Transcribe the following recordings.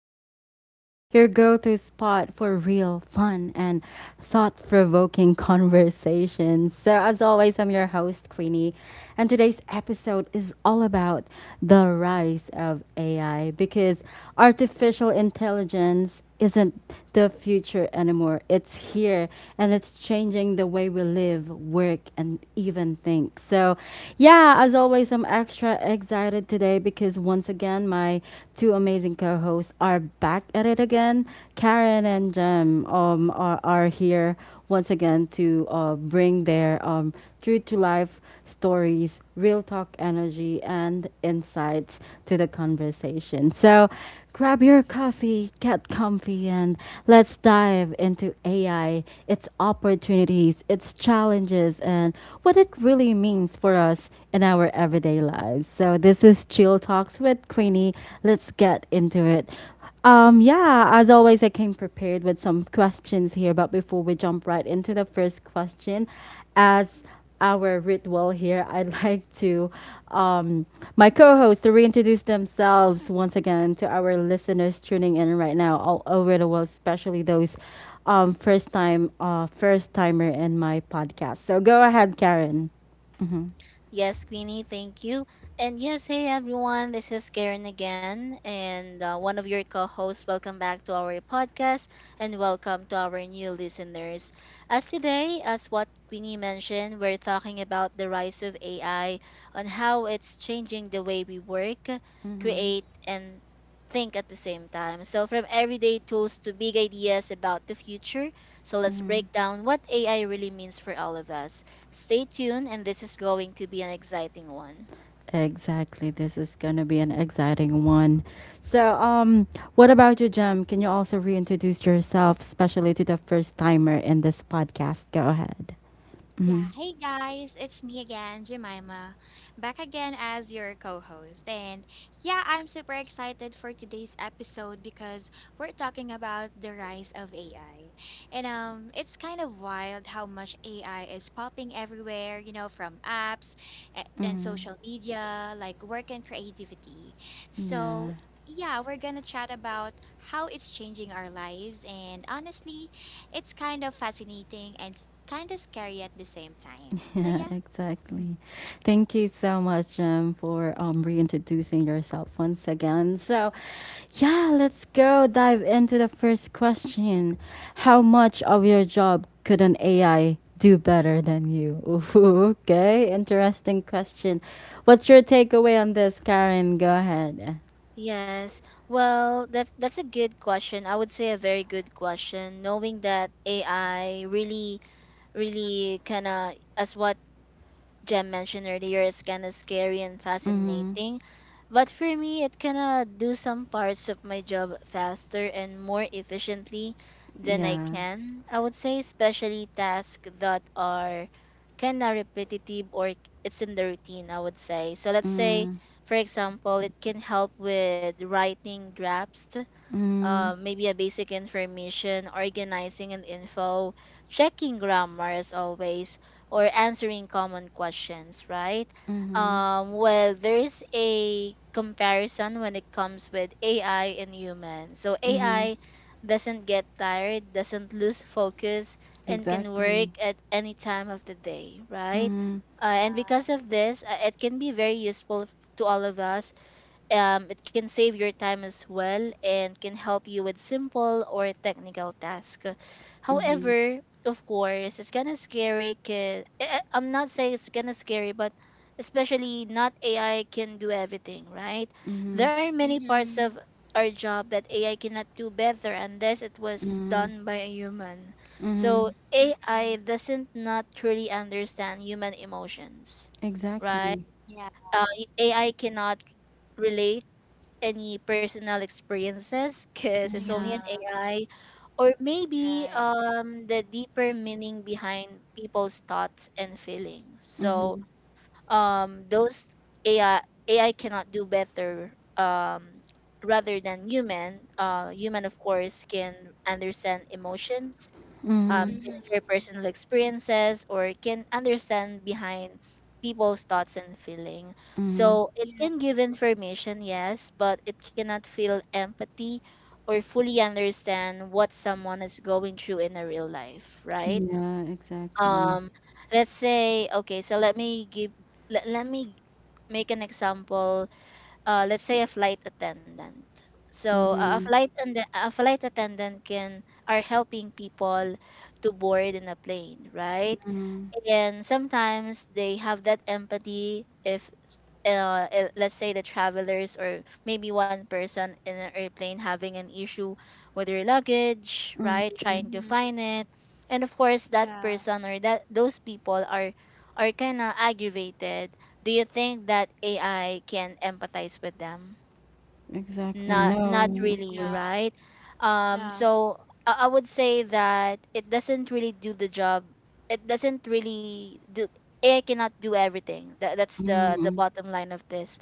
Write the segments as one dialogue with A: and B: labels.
A: with Queenie, your go to spot for real, fun, and thought provoking conversations. So, as always, I'm your host, Queenie, and today's episode is all about the rise of AI because artificial intelligence isn't the future anymore. It's here and it's changing the way we live, work, and even think. So, yeah, as always, I'm extra excited today because once again, my two amazing co hosts are back at it again. Karen and Jem are here once again to bring their true to life stories, real talk energy, and insights to the conversation. So grab your coffee, get comfy, and let's dive into AI, its opportunities, its challenges, and what it really means for us in our everyday lives. So this is Chill Talks with Queenie. Let's get into it. Yeah, as always, I came prepared with some questions here. But before we jump right into the first question, as our ritual here, I'd like to um, my co hosts to reintroduce themselves once again to our listeners tuning in right now all over the world, especially those first timer in my podcast. So go ahead, Karen. Mm-hmm.
B: Yes, Queenie, thank you. And yes, hey everyone, this is Karen again, and one of your co hosts. Welcome back to our podcast and welcome to our new listeners. As today, as what Queenie mentioned, we're talking about the rise of AI, on how it's changing the way we work,
A: Mm-hmm.
B: create, and think at the same time. So, from everyday tools to big ideas about the future, so let's
A: Mm-hmm.
B: break down what AI really means for all of us. Stay tuned, and this is going to be an exciting one.
A: Exactly. This is going to be an exciting one. So, what about you, Jem? Can you also reintroduce yourself, especially to the first timer in this podcast? Go ahead.
C: Yeah,
A: Mm-hmm.
C: hey guys, it's me again, Jemima, back again as your co host. I'm super excited for today's episode because we're talking about the rise of AI. And it's kind of wild how much AI is popping everywhere, you know, from apps and
A: Mm-hmm.
C: social media, like work and creativity. So
A: Yeah.
C: yeah, we're gonna chat about how it's changing our lives and honestly, it's kind of fascinating and kind of scary at the same time. So
A: Yeah,
C: yeah. Mhm.
A: exactly. Thank you so much for reintroducing yourself once again. So, yeah, let's go dive into the first question. How much of your job could an AI do better than you? Ooh, okay, interesting question. What's your takeaway on this, Karen? Go ahead.
B: Yes. Well, that's a good question. I would say a very good question. Knowing that AI really, really kind of, as what Jem mentioned earlier is kind of scary and
A: Mm-hmm.
B: fascinating. But for me, it kind of do some parts of my job faster and more efficiently than I
A: Yeah.
B: can. I would say especially tasks that are kind of repetitive or it's in the routine, I would say. So let's say,
A: Mm-hmm.
B: for example, it can help with writing drafts
A: Mm-hmm.
B: maybe a basic information, organizing and info, checking grammar as always, or answering common questions, right?
A: Mm-hmm.
B: Well, there's a comparison when it comes with AI and human. So
A: Mm-hmm.
B: AI doesn't get tired, doesn't lose focus, and can work
A: Exactly.
B: at any time of the day, right?
A: Mm-hmm.
B: And
C: Uh,
B: because of this, it can be very useful to all of us it can save your time as well and can help you with simple or technical tasks.
A: Mm-hmm.
B: However, of course, it's kind of scary. Cause, I'm not saying it's kind of scary, but especially not AI can do everything, right?
A: Mm-hmm.
B: There are many parts of
C: mhm.
B: our job that AI cannot do better unless it was
A: Mm-hmm.
B: done by a human. So
A: Mhm.
B: AI
C: Mm.
B: doesn't not truly understand human emotions, right?
A: Exactly.
C: Yeah.
B: Uh, AI cannot relate any personal experiences because it's only
A: Mhm.
B: an
C: Yeah.
B: AI, or maybe
C: Right.
B: the deeper meaning behind people's thoughts and feelings. So
A: Mhm.
B: um, those AI AI cannot do better rather than human. Human, of course, can understand emotions
A: Mhm.
B: can
C: Mhm.
B: share personal experiences, or can understand behind people's thoughts and feeling.
A: Mhm.
B: So it
C: Yeah.
B: can give information, yes, but it cannot feel empathy or fully understand what someone is going through in a real life, right?
A: Yeah, exactly.
B: Um, let's say, okay, let me make an example let's say a flight attendant. So uh, a
A: Mhm.
B: flight and a flight attendant can are helping people to board in a plane, right?
A: Mhm.
B: And sometimes they have that empathy if let's say the travelers or maybe one person in an airplane having an issue with their luggage, right?
A: Mhm.
B: Trying to
C: Mhm.
B: find it. And of course that
C: Yeah.
B: person or that those people are kind of aggravated. Do you think that AI can empathize with them?
A: Exactly.
B: Not not
C: Mhm.
A: No, of
B: really,
C: Yeah.
A: course.
B: right? um
C: Yeah.
B: so I would say that it doesn't really do the job, it doesn't really do, it cannot do everything. That's the
A: Mhm.
B: bottom line of this.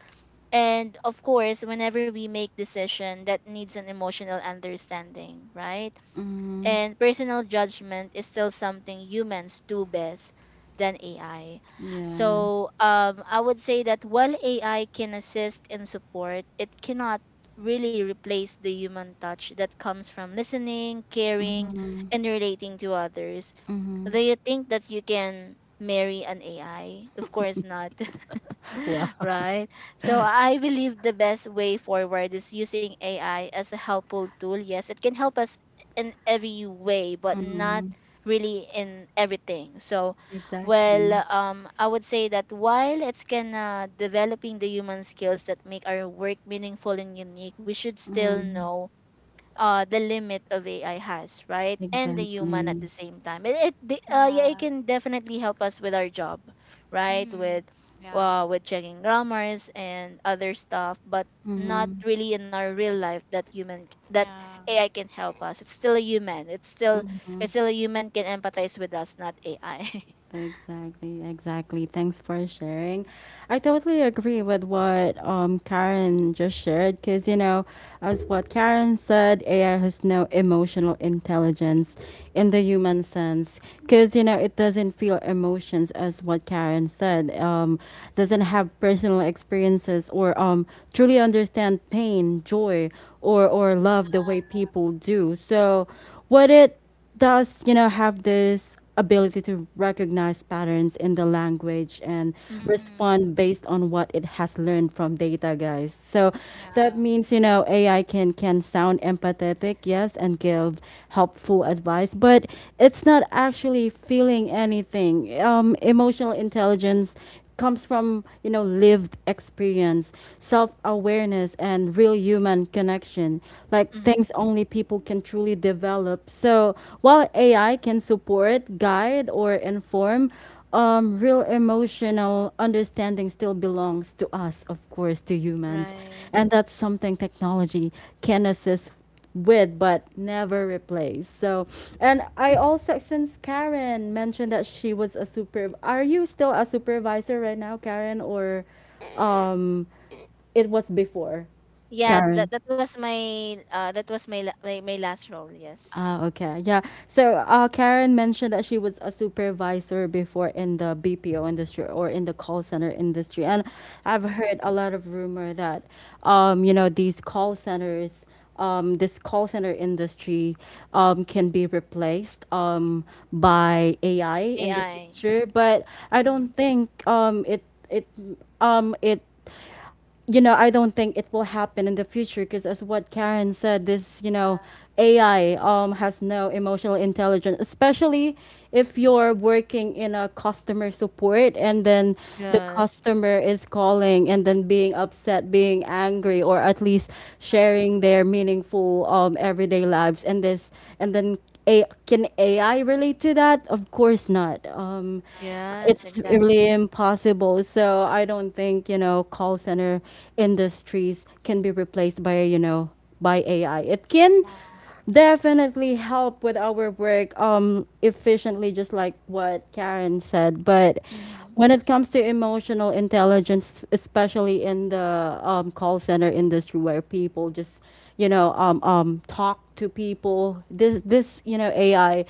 B: And of course whenever we make decision that needs an emotional understanding, right,
A: Mhm.
B: and personal judgment is still something humans do best than AI.
A: Yeah.
B: So I would say that while AI can assist and support, it cannot really replace the human touch that comes from listening, caring,
A: Mhm.
B: and relating to others. Do
A: Mhm.
B: you think that you can marry an AI? Of course not.
A: Wow.
B: right? So I believe the best way forward is using AI as a helpful tool. Yes, it can help us in every way, but not
A: Mhm.
B: really in everything. So,
A: Exactly.
B: I would say that while it's can developing the human skills that make our work meaningful and unique, we should still
A: Mhm.
B: know the limit of AI has, right? And the human at
A: Exactly.
B: the same time. Yeah, it
C: Yeah.
B: can definitely help us with our job, right?
C: Mhm. Yeah.
B: With checking grammars and other stuff, but not
A: Mhm.
B: really in our real life that human that
C: Yeah.
B: AI can help us. It's still a human. It's still
A: Mhm.
B: it's still a human can empathize with us, not AI.
A: Exactly, exactly. Thanks for sharing. I totally agree with what Karen just shared because, you know, as what Karen said, AI has no emotional intelligence in the human sense because, you know, it doesn't feel emotions as what Karen said, doesn't have personal experiences or truly understand pain, joy, or love the
C: Uh,
A: way people do.
C: true.
A: So, what it does, you know, have this ability to recognize patterns in the language and
B: Mhm,
A: respond
C: Mhm.
A: based on what it has learned from data, guys. So that
C: Yeah.
A: means, you know, AI can sound empathetic, yes, and give helpful advice, but it's not actually feeling anything. Emotional intelligence comes from, you know, lived experience, self-awareness, and real human connection, like
B: mhm.
A: things only people can truly develop. So while AI can support, guide, or inform, real emotional understanding still belongs to us, of course, to humans,
B: Right.
A: and that's something technology can assist with but never replace. So, and I also, since Karen mentioned that she was a super, are you still a supervisor right now, Karen, or um it was before,
B: Yeah,
A: Karen?
B: that was my that was my last role, yes.
A: Ah, okay. Yeah. So, Karen mentioned that she was a supervisor before in the BPO industry or in the call center industry. And I've heard
B: Hmm.
A: a lot of rumor that, you know, these call centers, this call center industry, can be replaced, by AI in the
B: AI.
A: future. But I don't think, it, um, it, you know, I don't think it will happen in the future because, as what Karen said, this, you know,
C: Uh,
A: AI has no emotional intelligence, especially
C: mm.
A: if you're working in a customer support and then the
B: Yes,
A: customer is calling and then being upset, being angry, or at least
C: Yeah.
A: sharing their meaningful everyday lives, and this and then. A, can AI relate to that? Of course not.
C: Yeah.
B: yes,
A: It's
C: Exactly.
A: really
B: exactly.
A: impossible. So I don't think, you know, call center industries can be replaced by, you know, by AI. It can
C: Yeah.
A: definitely help with our work efficiently, just like what Karen said, but
B: Mm-hmm.
A: when it comes to emotional intelligence, especially in the call center industry where people just, you know, talk to people, this, you know, AI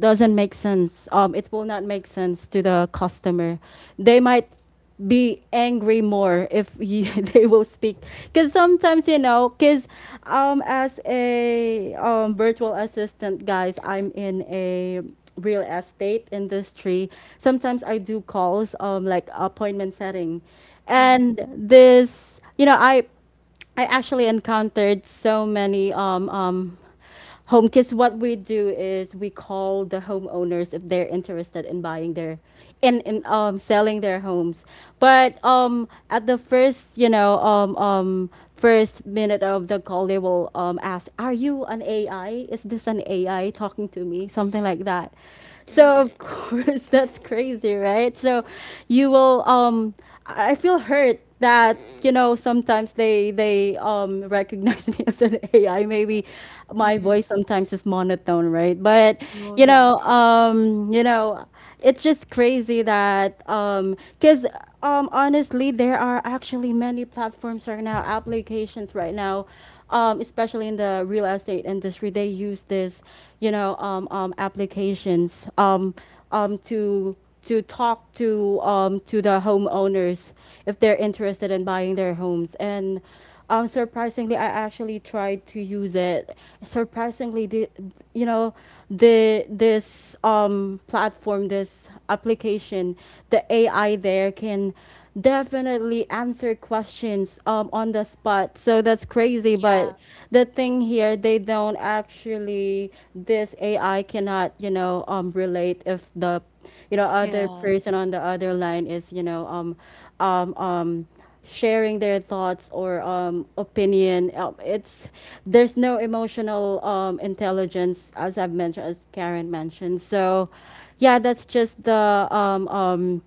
A: doesn't make sense. It will not make sense to the customer. They might be angry more if you, they will speak because sometimes, you know, because as a virtual assistant, guys, I'm in a real estate industry. Sometimes I do calls like appointment setting,
B: Mm-hmm.
A: and this, you know, I actually encountered so many home kids. What we do is we call the homeowners if they're interested in buying their in selling their homes. But at the first, you know, first minute of the call they will ask, are you an AI, is this an AI talking to me, something
C: Mhm.
A: like that? So
C: Mhm.
A: of course, that's crazy, right? So you will I feel hurt that, you know, sometimes they they recognize me as an AI. Maybe my
B: Mm-hmm.
A: voice sometimes is monotone, right? But
B: Oh yeah.
A: you know, it's just crazy that, because honestly, there are actually many platforms right now, applications right now. Especially in the real estate industry, they use this, you know, applications
C: Mm.
A: um, to to talk to the homeowners if they're interested in buying their homes. And
C: Mhm.
A: surprisingly, I actually tried to use it. Surprisingly, the, you know, the this platform, this application, the AI there can definitely answer questions on the spot. So that's crazy.
C: Yeah.
A: But the thing here, they don't actually, this AI cannot, you know, relate if the, you know, other
B: Yes.
A: person on the other line is, you know, um, um, sharing their thoughts or opinion. It's there's no emotional intelligence, as I've mentioned, as Karen mentioned. So, yeah, that's just um, um,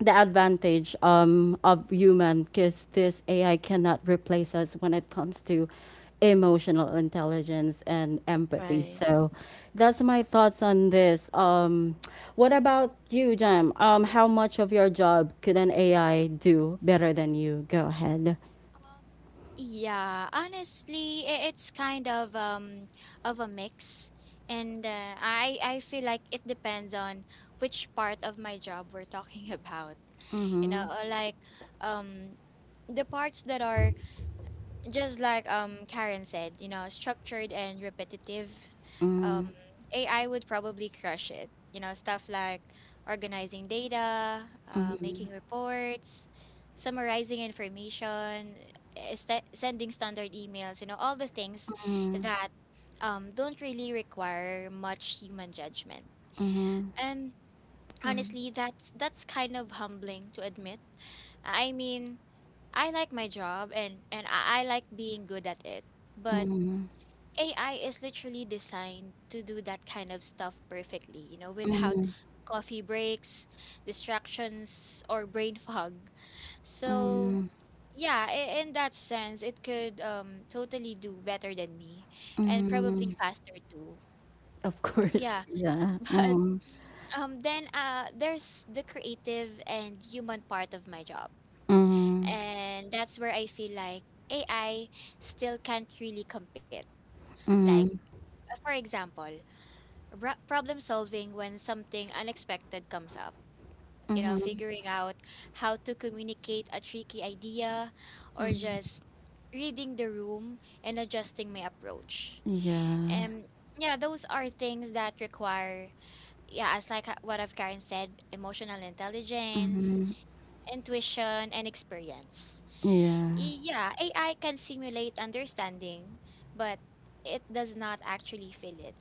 A: the advantage of human because this AI cannot replace us when it comes to emotional intelligence and empathy.
B: Right.
A: So that's my thoughts on this. What about you, Jam? How much of your job could an AI do better than you? Go ahead.
C: Um, yeah, honestly, it's kind of a mix, and I feel like it depends on which part of my job we're talking about. You
A: Mm-hmm.
C: know, like um the parts that are just like Karen said, you know, structured and repetitive,
A: Mm-hmm.
C: um, AI would probably crush it. You know, stuff like organizing data, making reports, summarizing information, eh, st sending standard emails, you know, all the things that don't really require much human judgment.
A: Mm-hmm.
C: And
B: Mm-hmm.
C: honestly, that's kind of humbling to admit. I mean, I like my job and I like being good at it. But
A: Mm-hmm.
C: AI is literally designed to do that kind of stuff perfectly, you know, without
A: Mm-hmm.
C: coffee breaks, distractions, or brain fog. So,
A: Mm-hmm.
C: yeah, in that sense, it could totally do better than me and probably
A: Mm-hmm.
C: faster too.
A: Of
C: Yeah,
A: course. Yeah.
C: but
A: Mm-hmm.
C: then there's the creative and human part of my job.
A: Mm-hmm.
C: And that's where I feel like AI still can't really compete. Like, for example, problem solving when something unexpected comes up, you know,
A: Mm-hmm.
C: figuring out how to communicate a tricky idea or
B: Mm-hmm.
C: just reading the room and adjusting my approach.
A: Yeah.
C: And yeah, those are things that require, yeah, as like h- what I've Karen said, emotional intelligence,
A: Mhm.
C: intuition, and experience.
A: Yeah.
C: Yeah, AI can simulate understanding, but it does not actually feel it.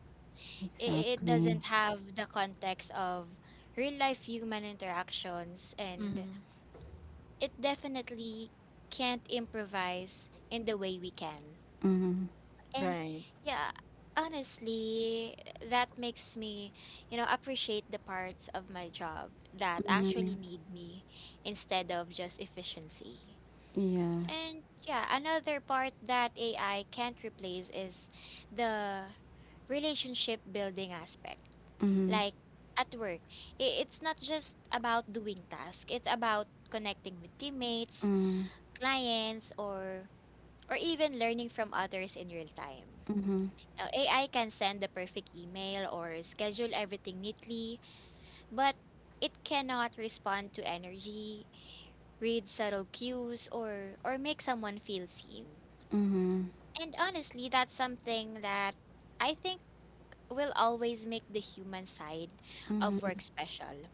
C: I- It doesn't
A: Exactly.
C: have the context of real life human interactions, and
B: Mm-hmm.
C: it definitely can't improvise in the way we can.
A: Mhm.
C: And
B: Right.
C: yeah, honestly, that makes me, you know, appreciate the parts of my job that actually
A: Mhm.
C: need me instead of just efficiency.
A: Yeah.
C: And yeah, another part that AI can't replace is the relationship building aspect.
A: Mhm.
C: Like at work, it's not just about doing tasks, it's about connecting with teammates,
A: Mhm.
C: clients, or even learning from others in real time.
A: Mhm.
C: Now, AI can send the perfect email or schedule everything neatly, but it cannot respond to energy, read subtle cues, or make someone feel seen.
A: Mhm.
C: And honestly, that's something that I think will always make the human side of work
A: Mhm.
C: special.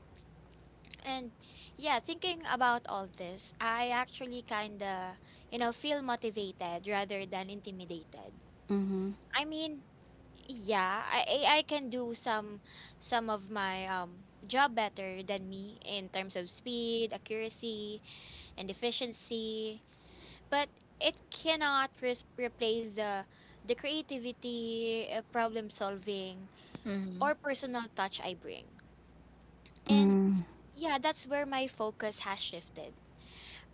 C: And yeah, thinking about all this, I actually kind of, you know, feel motivated rather than intimidated.
A: Mhm.
C: I mean, yeah, I can do some of my job better than me in terms of speed, accuracy, and efficiency. But it cannot replace the creativity, problem solving,
B: Mm-hmm.
C: or personal touch I bring. And
A: Mhm.
C: yeah, that's where my focus has shifted.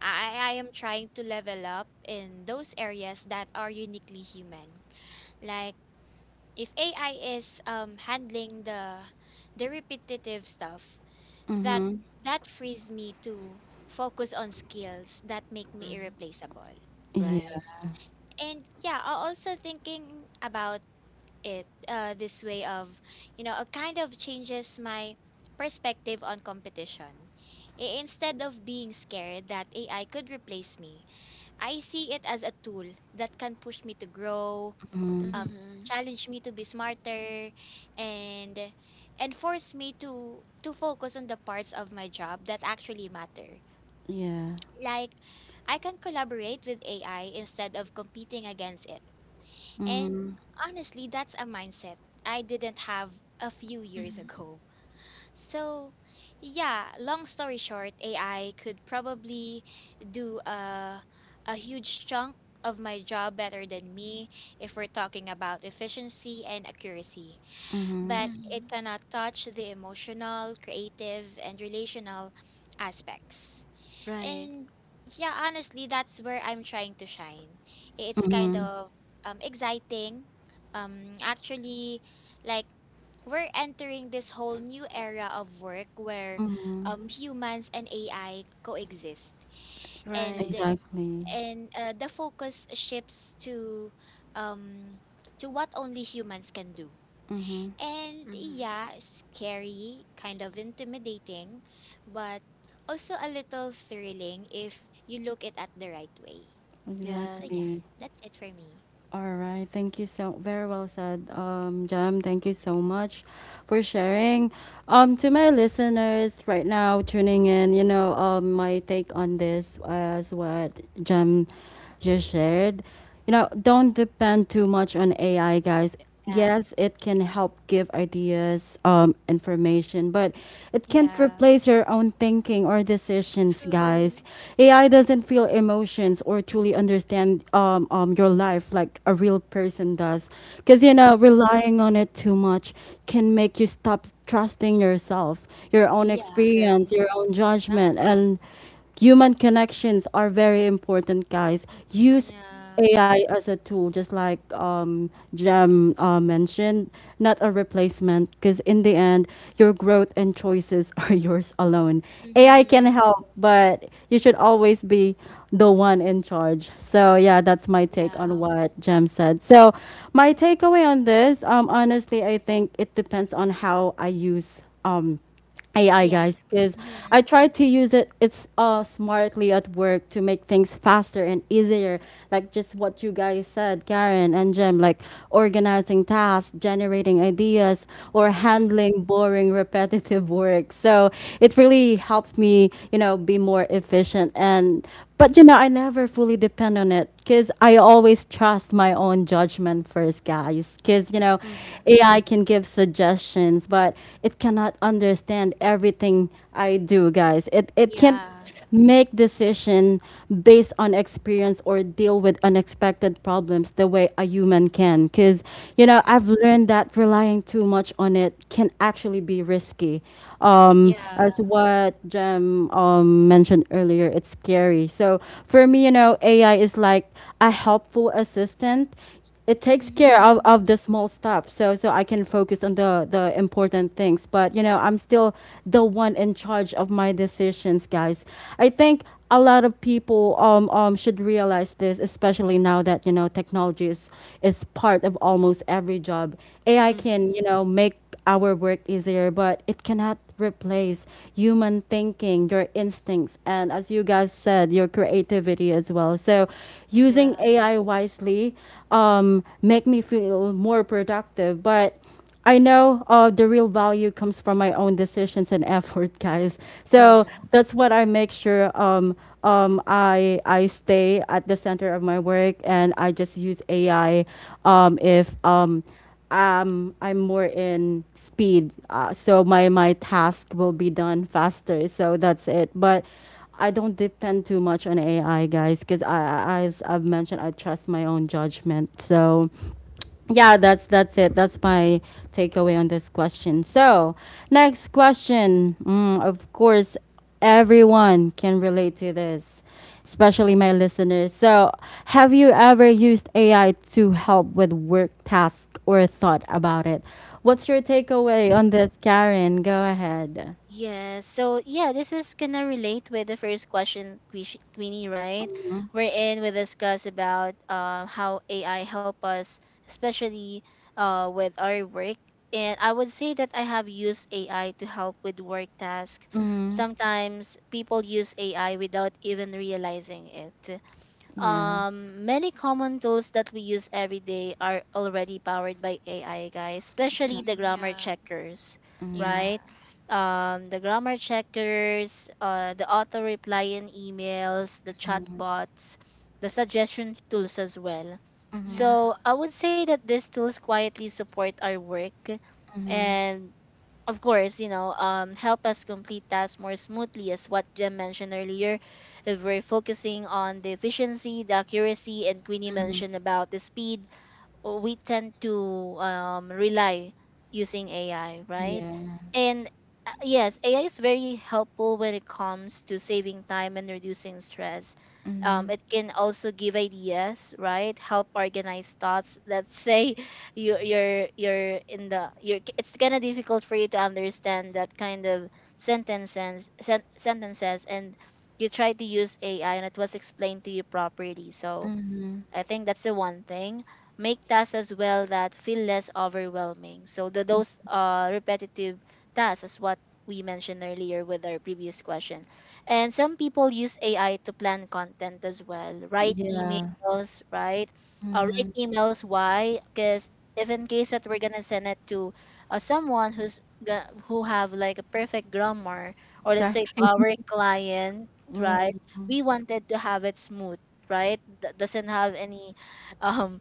C: I am trying to level up in those areas that are uniquely human. Like if AI is handling the repetitive stuff, that
A: Mhm.
C: that frees me to focus on skills that make me
B: Mm-hmm.
C: irreplaceable.
A: Yeah.
B: Right.
C: And yeah, also thinking about it this way, of you know, it kind of changes my perspective on competition. Instead of being scared that AI could replace me, I see it as a tool that can push me to grow,
A: Mhm.
C: um,
B: Mm-hmm.
C: challenge me to be smarter, and and force me to focus on the parts of my job that actually matter.
A: Yeah.
C: Like I can collaborate with AI instead of competing against it, and
A: Mhm.
C: honestly, that's a mindset I didn't have a few years
B: Mm-hmm.
C: ago. So, yeah, long story short, AI could probably do a huge chunk of my job better than me if we're talking about efficiency and accuracy.
A: Mhm.
C: But
B: Mm-hmm.
C: it cannot touch the emotional, creative, and relational aspects.
B: Right.
C: And yeah, honestly, that's where I'm trying to shine. It's kind
A: Mhm.
C: of exciting. Actually, like we're entering this whole new era of work where
A: Mhm.
C: humans and AI coexist. And
B: Right.
A: Exactly.
C: the focus shifts um to what only humans can do. And
B: Mm-hmm.
C: yeah, scary, kind of intimidating, but also a little thrilling if you look it at the right way. So yeah,
A: Exactly.
B: Yes.
C: that's it for me.
A: All right. Thank you, so very well said, Jam. Thank you so much for sharing. To my listeners right now tuning in, you know, my take on this as what Jam just shared. You know, don't depend too much on AI, guys.
C: Yeah,
A: Yes, it can help give ideas, information, but it can't
C: yeah,
A: replace your own thinking or decisions,
C: true.
A: guys. AI doesn't feel emotions or truly understand your life like a real person does. Because, you know,
C: Mm-hmm.
A: relying on it too much can make you stop trusting yourself, your own
C: Yeah,
A: experience,
B: Yes.
A: your own judgment,
C: exactly.
A: and human connections are very important, guys. Use
C: Yeah.
A: AI as a tool, just like Jem mentioned, not a replacement, because in the end, your growth and choices are yours alone. AI
C: Mm-hmm.
A: can help, but you should always be the one in charge. So, yeah, that's my take on
C: Yeah,
A: what Jem said. So, my takeaway on this, honestly, I think it depends on how I use. AI,
C: yeah.
A: guys, because
C: Mm-hmm.
A: I try to use it, it's smartly at work to make things faster and easier, like just what you guys said, Karen and Jim, like organizing tasks, generating ideas, or
B: Mm-hmm.
A: handling boring repetitive work. So it really helped me, you know, be more efficient. And but, you know, I never fully depend on it because I always trust my own judgment first, guys. Because, you know,
B: Mm-hmm.
A: AI can give suggestions, but it cannot understand everything I do, guys. It can't
C: Yeah.
A: make decision based on experience or deal with unexpected problems the way a human can because, you know,
C: Mm-hmm.
A: I've learned that relying too much on it can actually be risky.
C: Yeah.
A: As what Jem mentioned earlier, it's scary. So for me, you know, AI is like a helpful assistant. It takes care of,
C: Mm-hmm.
A: of the small stuff, so I can focus on the important things. But you know, I'm still the one in charge of my decisions, guys. I think a lot of people should realize this, especially now that, you know, technology is part of almost every job. AI
B: Mm-hmm.
A: can, you know, make our work easier, but it cannot replace human thinking, your instincts, and as you guys said, your creativity as well. So, using AI
B: Yes.
A: wisely make me feel more productive, but I know the real value comes from my own decisions and effort, guys. So
B: Mm-hmm.
A: that's what I make sure I stay at the center of my work, and I just use AI if I'm more in speed, so my task will be done faster. So that's it. But I don't depend too much on AI, guys, because as I've mentioned, I trust my own judgment. So yeah, that's it, that's my takeaway on this question. So next question, of course everyone can relate to this, especially my listeners. So have you ever used AI to help with work tasks or thought about it? What's your takeaway on this, Karen? Go ahead.
B: Yes. So yeah, this is gonna relate with the first question, Queenie, right? We're in. We discuss about how AI help us, especially with our work. And I would say that I have used AI to help with work tasks.
A: Mm-hmm.
B: Sometimes people use AI without even realizing it.
A: Yeah,
B: Many common tools that we use every day are already powered by AI, guys, especially
A: exactly.
B: the
C: Mm-hmm.
B: grammar
C: Yeah.
B: checkers,
A: Mm-hmm.
C: Yeah.
B: right? The auto reply in emails, the chat bots, the suggestion tools as well.
C: Yeah.
B: So I would say that these tools quietly support our work
A: Mm-hmm.
B: and of course, you know, help us complete tasks more smoothly, as what Jim mentioned earlier. If we're focusing on the efficiency, the accuracy, and Queenie mentioned about the speed, we tend to rely using AI, right?
A: Yeah.
B: And yes, AI is very helpful when it comes to saving time and reducing stress.
A: Mm-hmm.
B: It can also give ideas, right? Help organize thoughts. Let's say you you're in the you're it's kind of difficult for you to understand that kind of sentences and you try to use AI and it was explained to you properly. So
A: Mm-hmm.
B: I think that's the one thing. Make tasks as well that feel less overwhelming. So those repetitive tasks is what we mentioned earlier with our previous question. And some people use AI to plan content as well. Write
A: Yeah.
B: emails, right? Write
A: Mm-hmm.
B: emails. Why? Because if in case that we're gonna send it to someone who's who have like a perfect grammar, or let's say to
A: Exactly.
B: our client, right?
A: Mm.
B: We wanted to have it smooth, right, that doesn't have any um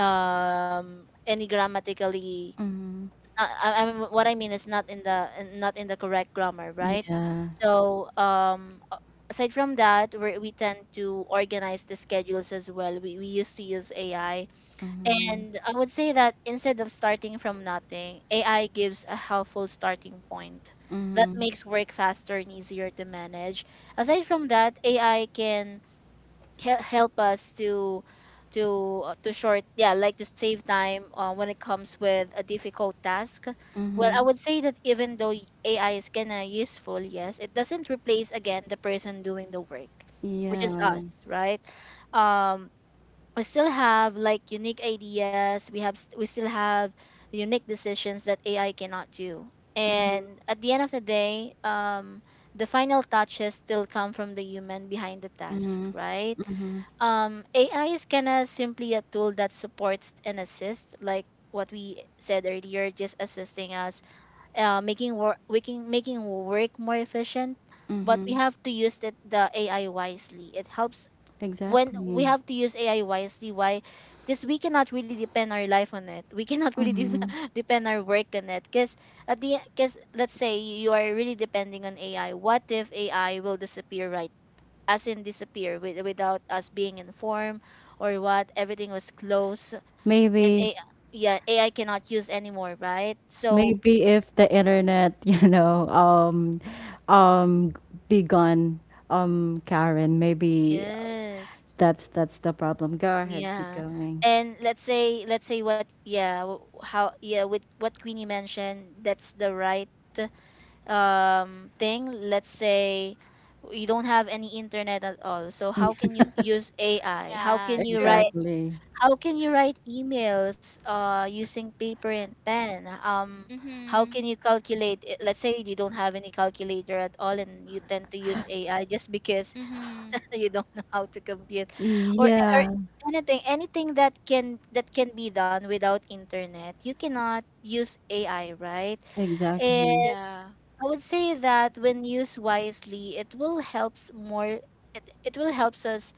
B: any grammatically
A: Mhm.
B: I mean, what I mean is not in the not in the correct grammar, right.
A: Yeah.
B: So aside from that, we tend to organize the schedules as well. We used to use ai,
A: Mhm.
B: and I would say that instead of starting from nothing, ai gives a helpful starting point that
A: Mhm.
B: makes work faster and easier to manage. Aside from that ai can help us to to short, yeah, like to save time when it comes with a difficult task. Well I
A: Mhm.
B: would say that even though ai is kind of useful, yes, it doesn't replace again the person doing the work, which is us,
A: Yeah.
B: right? um we still have like unique ideas. We still have unique decisions that ai cannot do. And at the end of the day the final touches still come from the human behind the task,
A: Mhm.
B: right?
A: Mhm.
B: AI is kind of simply a tool that supports and assists, like what we said earlier, just assisting us, making work more efficient. But we
A: Mhm.
B: have to use the AI wisely. It helps when we
A: Exactly.
B: have to use AI wisely. Why? Because we cannot really depend our life on it. We cannot really de- depend our work on it. Because at the because let's say you are really depending on AI. What if AI will disappear, right, as in disappear without us being informed or what everything was closed and a,
A: Maybe,
B: yeah ai cannot use anymore, right? So
A: maybe if the internet, you know, um be gone, Karen, maybe
B: yes,
A: that's the problem. Go ahead, keep
B: yeah.
A: going.
B: And let's say what yeah w- how yeah with what queenie mentioned, that's the right thing. Let's say you don't have any internet at all, so how can you use ai? How
C: Yeah,
B: can you write?
C: true.
A: Exactly.
B: How can you write emails using paper and pen? How
C: Mm-hmm.
B: can you calculate it? Let's say you don't have any calculator at all, and you tend to use AI just because
C: Mm-hmm.
B: you don't know how to compute, or
A: Yeah,
B: anything, anything that can be done without internet. You cannot use AI, right?
A: exactly.
B: And
C: Yeah.
B: I would say that when used wisely, it will helps more. It will helps us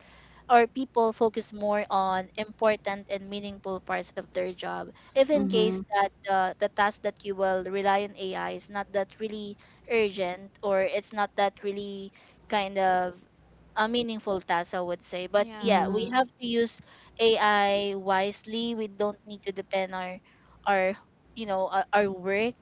B: or people focus more on important and meaningful parts of their job if in case
A: Mhm.
B: that the task that you will rely on AI is not that really urgent or it's not that really kind of a meaningful task, I would say. But yeah,
C: Yeah.
B: we
A: Mhm.
B: have to use AI wisely. We don't need to depend our our work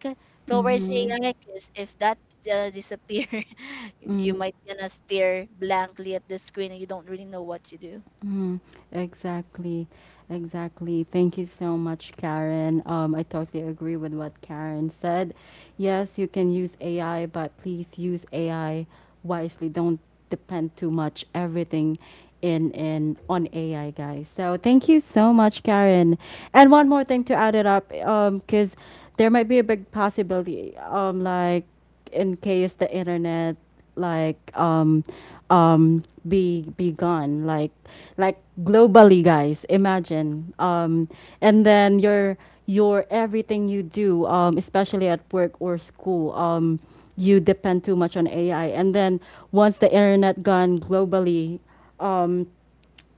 B: towards AI because if that disappear, you
A: Mhm.
B: might gonna stare blankly at the screen and you don't really know what to do.
A: Mm, exactly, exactly. Thank you so much, Karen. I totally agree with what Karen said. Yes, you can use AI, but please use AI wisely. Don't depend too much, everything in on AI, guys. So thank you so much, Karen. And one more thing to add it up, because there might be a big possibility, like in case the internet, like um um be gone, like globally, guys. Imagine, um, and then your everything you do, um, especially at work or school, um, you depend too much on AI, and then once the internet gone globally,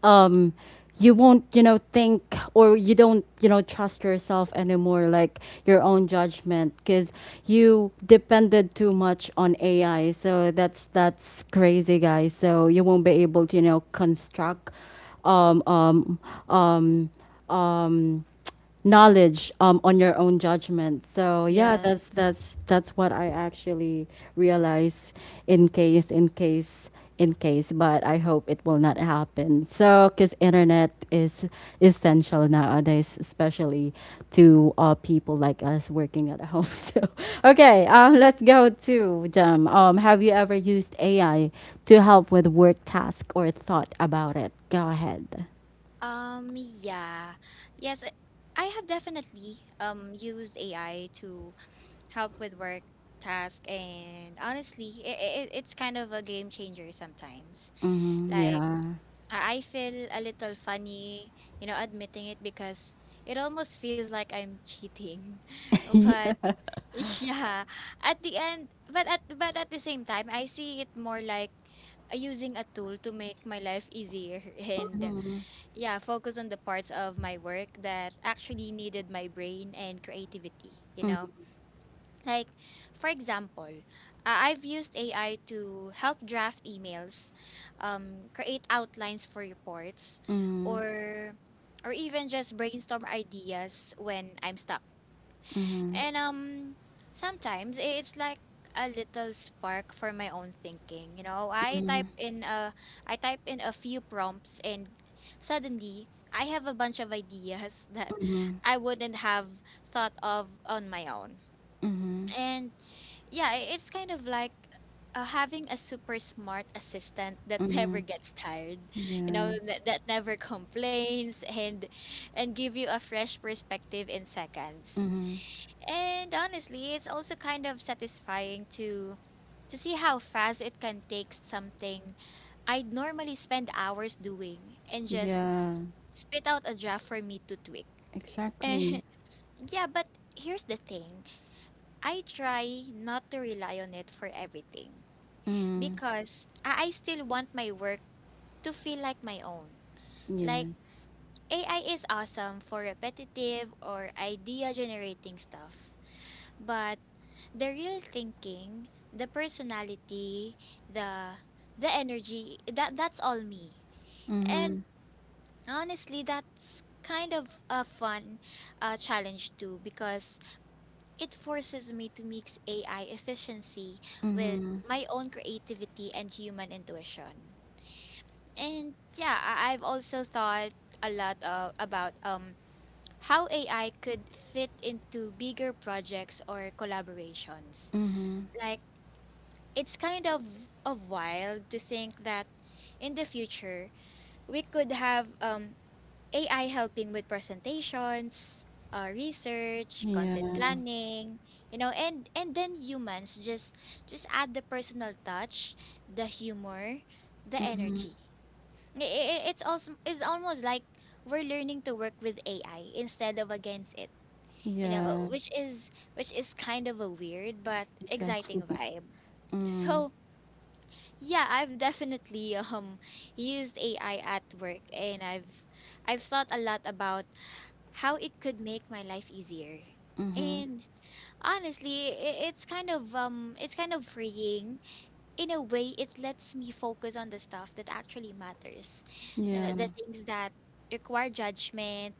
A: um you won't, you know, think, or you don't, you know, trust yourself anymore, like your own judgment, because you depended too much on AI. So that's crazy, guys. So you won't be able to, you know, construct um um um um knowledge, on your own judgment. So yeah,
B: Yes.
A: that's what I actually realize, in case, in case, in case. But I hope it will not happen. So because internet is essential nowadays, especially to, people like us working at home. So okay, let's go to Jem. Have you ever used AI to help with work task or thought about it? Go ahead.
C: Um, yeah. Yes, I have definitely used AI to help with work task and honestly, it's kind of a game changer sometimes.
A: Hmm,
C: Like
A: yeah.
C: I feel a little funny, you know, admitting it because it almost feels like I'm cheating. But yeah, at the end, but at the same time, I see it more like using a tool to make my life easier and
A: Yeah.
C: yeah, focus on the parts of my work that actually needed my brain and creativity, you know? Like, for example, I've used AI to help draft emails, create outlines for reports,
A: Mhm,
C: or or even just brainstorm ideas when I'm stuck.
A: mhm,
C: And sometimes it's like a little spark for my own thinking. You know, I type in a few prompts and suddenly I have a bunch of ideas that
A: mhm,
C: I wouldn't have thought of on my own.
A: mhm,
C: And yeah, it's kind of like having a super smart assistant that never
A: mhm.
C: gets tired, you know,
A: Yeah.
C: that never complains and give you a fresh perspective in seconds.
A: Mhm.
C: And honestly, it's also kind of satisfying to see how fast it can take something I'd normally spend hours doing and just
A: Yeah.
C: spit out a draft for me to tweak.
A: Exactly.
C: And yeah, but here's the thing. I try not to rely on it for everything
A: Mm.
C: because I still want my work to feel like my own. Like
A: Yes.
C: AI is awesome for repetitive or idea generating stuff, but the real thinking, the personality, the the energy, that's all me. And
A: Mhm.
C: honestly, that's kind of a fun challenge too because it forces me to mix AI efficiency with
A: Mhm.
C: my own creativity and human intuition. And yeah, I've also thought a lot about how AI could fit into bigger projects or collaborations.
A: Mhm.
C: like. It's kind of a wild to think that in the future we could have AI helping with presentations, research, content
A: Yeah.
C: planning, you know, and then humans just add the personal touch, the humor, the
A: Mhm.
C: energy. It's also it's almost like we're learning to work with AI instead of against it, you know,
A: Yeah.
C: which is kind of a weird but exciting
A: Exactly.
C: vibe.
A: Mm.
C: So yeah, I've definitely used AI at work and I've thought a lot about how it could make my life easier.
A: Mhm.
C: And honestly, it's kind of freeing. In a way, it lets me focus on the stuff that actually matters. You know,
A: Yeah.
C: the things that require judgment,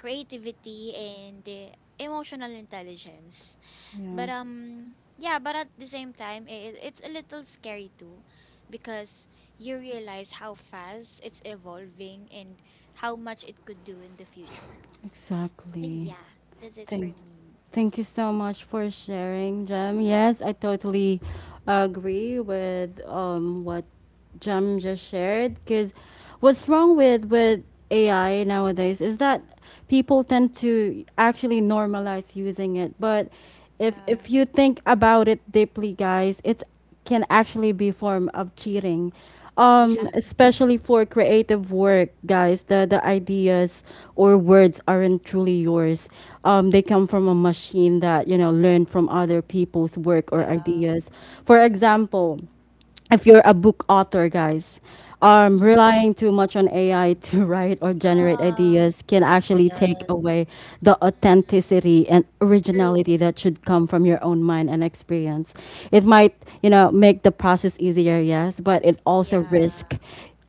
C: creativity, and emotional intelligence.
A: Yeah.
C: But yeah, but at the same time it's a little scary too because you realize how fast it's evolving and how much it could do in the future. So
A: Exactly.
C: yeah, that's it for
A: Thank
C: me.
A: Thank you so much for sharing, Jem. Yes, I totally agree with, what Jem just shared. Because what's wrong with AI nowadays is that people tend to actually normalize using it. But if
C: Yeah.
A: you think about it deeply, guys, it's can actually be form of cheating, um,
C: Yeah.
A: especially for creative work, guys. The ideas or words aren't truly yours, um, they come from a machine that, you know, learned from other people's work or
C: Yeah. Yeah.
A: ideas. For example, if you're a book author, guys,
B: Mm.
A: relying too much on AI to write or generate ideas can actually take
B: Yes.
A: away the
C: Mhm.
A: authenticity and
C: True.
A: originality that should come from your own mind and experience. It might, you know, make the process easier, yes, but it also
C: Yeah.
A: risk,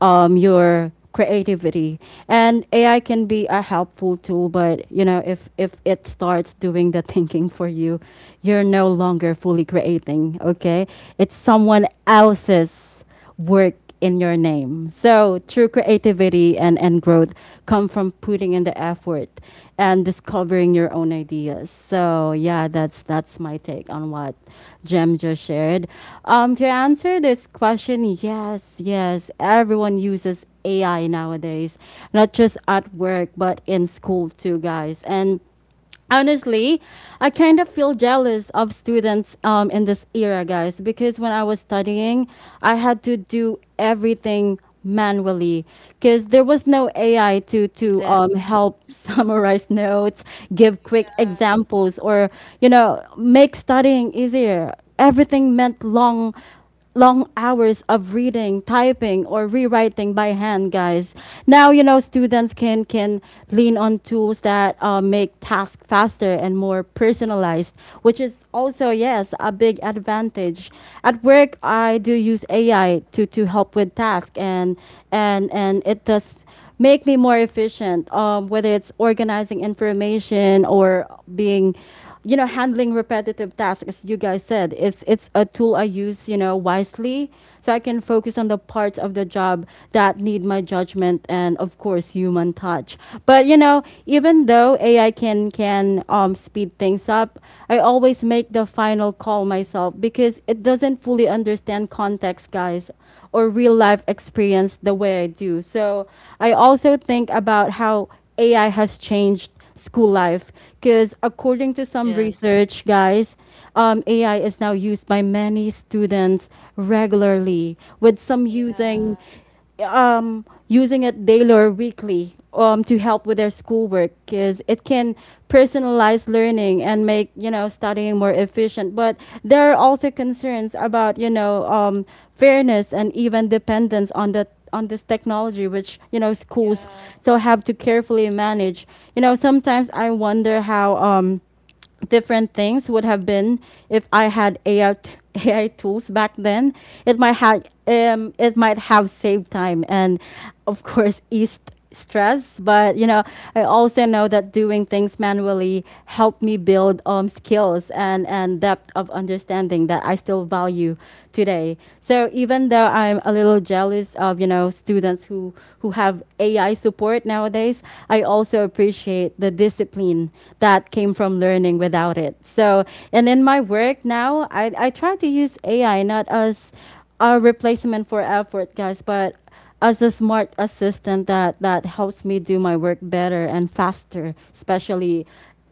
A: your creativity. And
C: Mhm.
A: AI can be a helpful tool, but you know, if it starts doing the thinking for you, you're no longer fully creating, okay. It's someone else's work in your name. So true creativity and growth come from putting in the effort and discovering your own ideas. So yeah, that's my take on what Jem just shared. To answer this question, yes, yes, everyone uses AI nowadays, not just at work but in school too, guys. And honestly, I kind of feel jealous of students, in this era, guys, because when I was studying, I had to do everything manually because there was no AI to
B: Exactly.
A: help summarize notes, give quick
C: Yeah.
A: examples, or, you know, make studying easier. Everything meant long, long hours of reading, typing, or rewriting by hand, guys. Now, you know, students can lean on tools that, make tasks faster and more personalized, which is also, yes, a big advantage. At work, I do use AI to help with tasks, and and it does make me more efficient, whether it's organizing information or being, you know, handling repetitive tasks, as you guys said. It's a tool I use, you know, wisely, so I can focus on the parts of the job that need my judgment and, of course, human touch. But, you know, even though AI can speed things up, I always make the final call myself because it doesn't fully understand context, guys, or real life experience the way I do. So I also think about how AI has changed school life because, according to some
B: Yes.
A: research, guys, AI is now used by many students regularly, with some using
C: Yeah.
A: um, using it daily or weekly, to help with their schoolwork because it can personalize learning and make, you know, studying more efficient. But there are also concerns about, you know, fairness and even dependence on the on this technology, which, you know, schools
C: Yeah.
A: still have to carefully manage. You know, sometimes I wonder how, um, different things would have been if I had AI tools back then. It might have, it might have saved time and, of course, eased stress. But you know, I also know that doing things manually helped me build, skills and depth of understanding that I still value today. So even though I'm a little jealous of, you know, students who have AI support nowadays, I also appreciate the discipline that came from learning without it. So, and in my work now, I try to use AI not as a replacement for effort, guys, but as a smart assistant that helps me do my work better and faster, especially,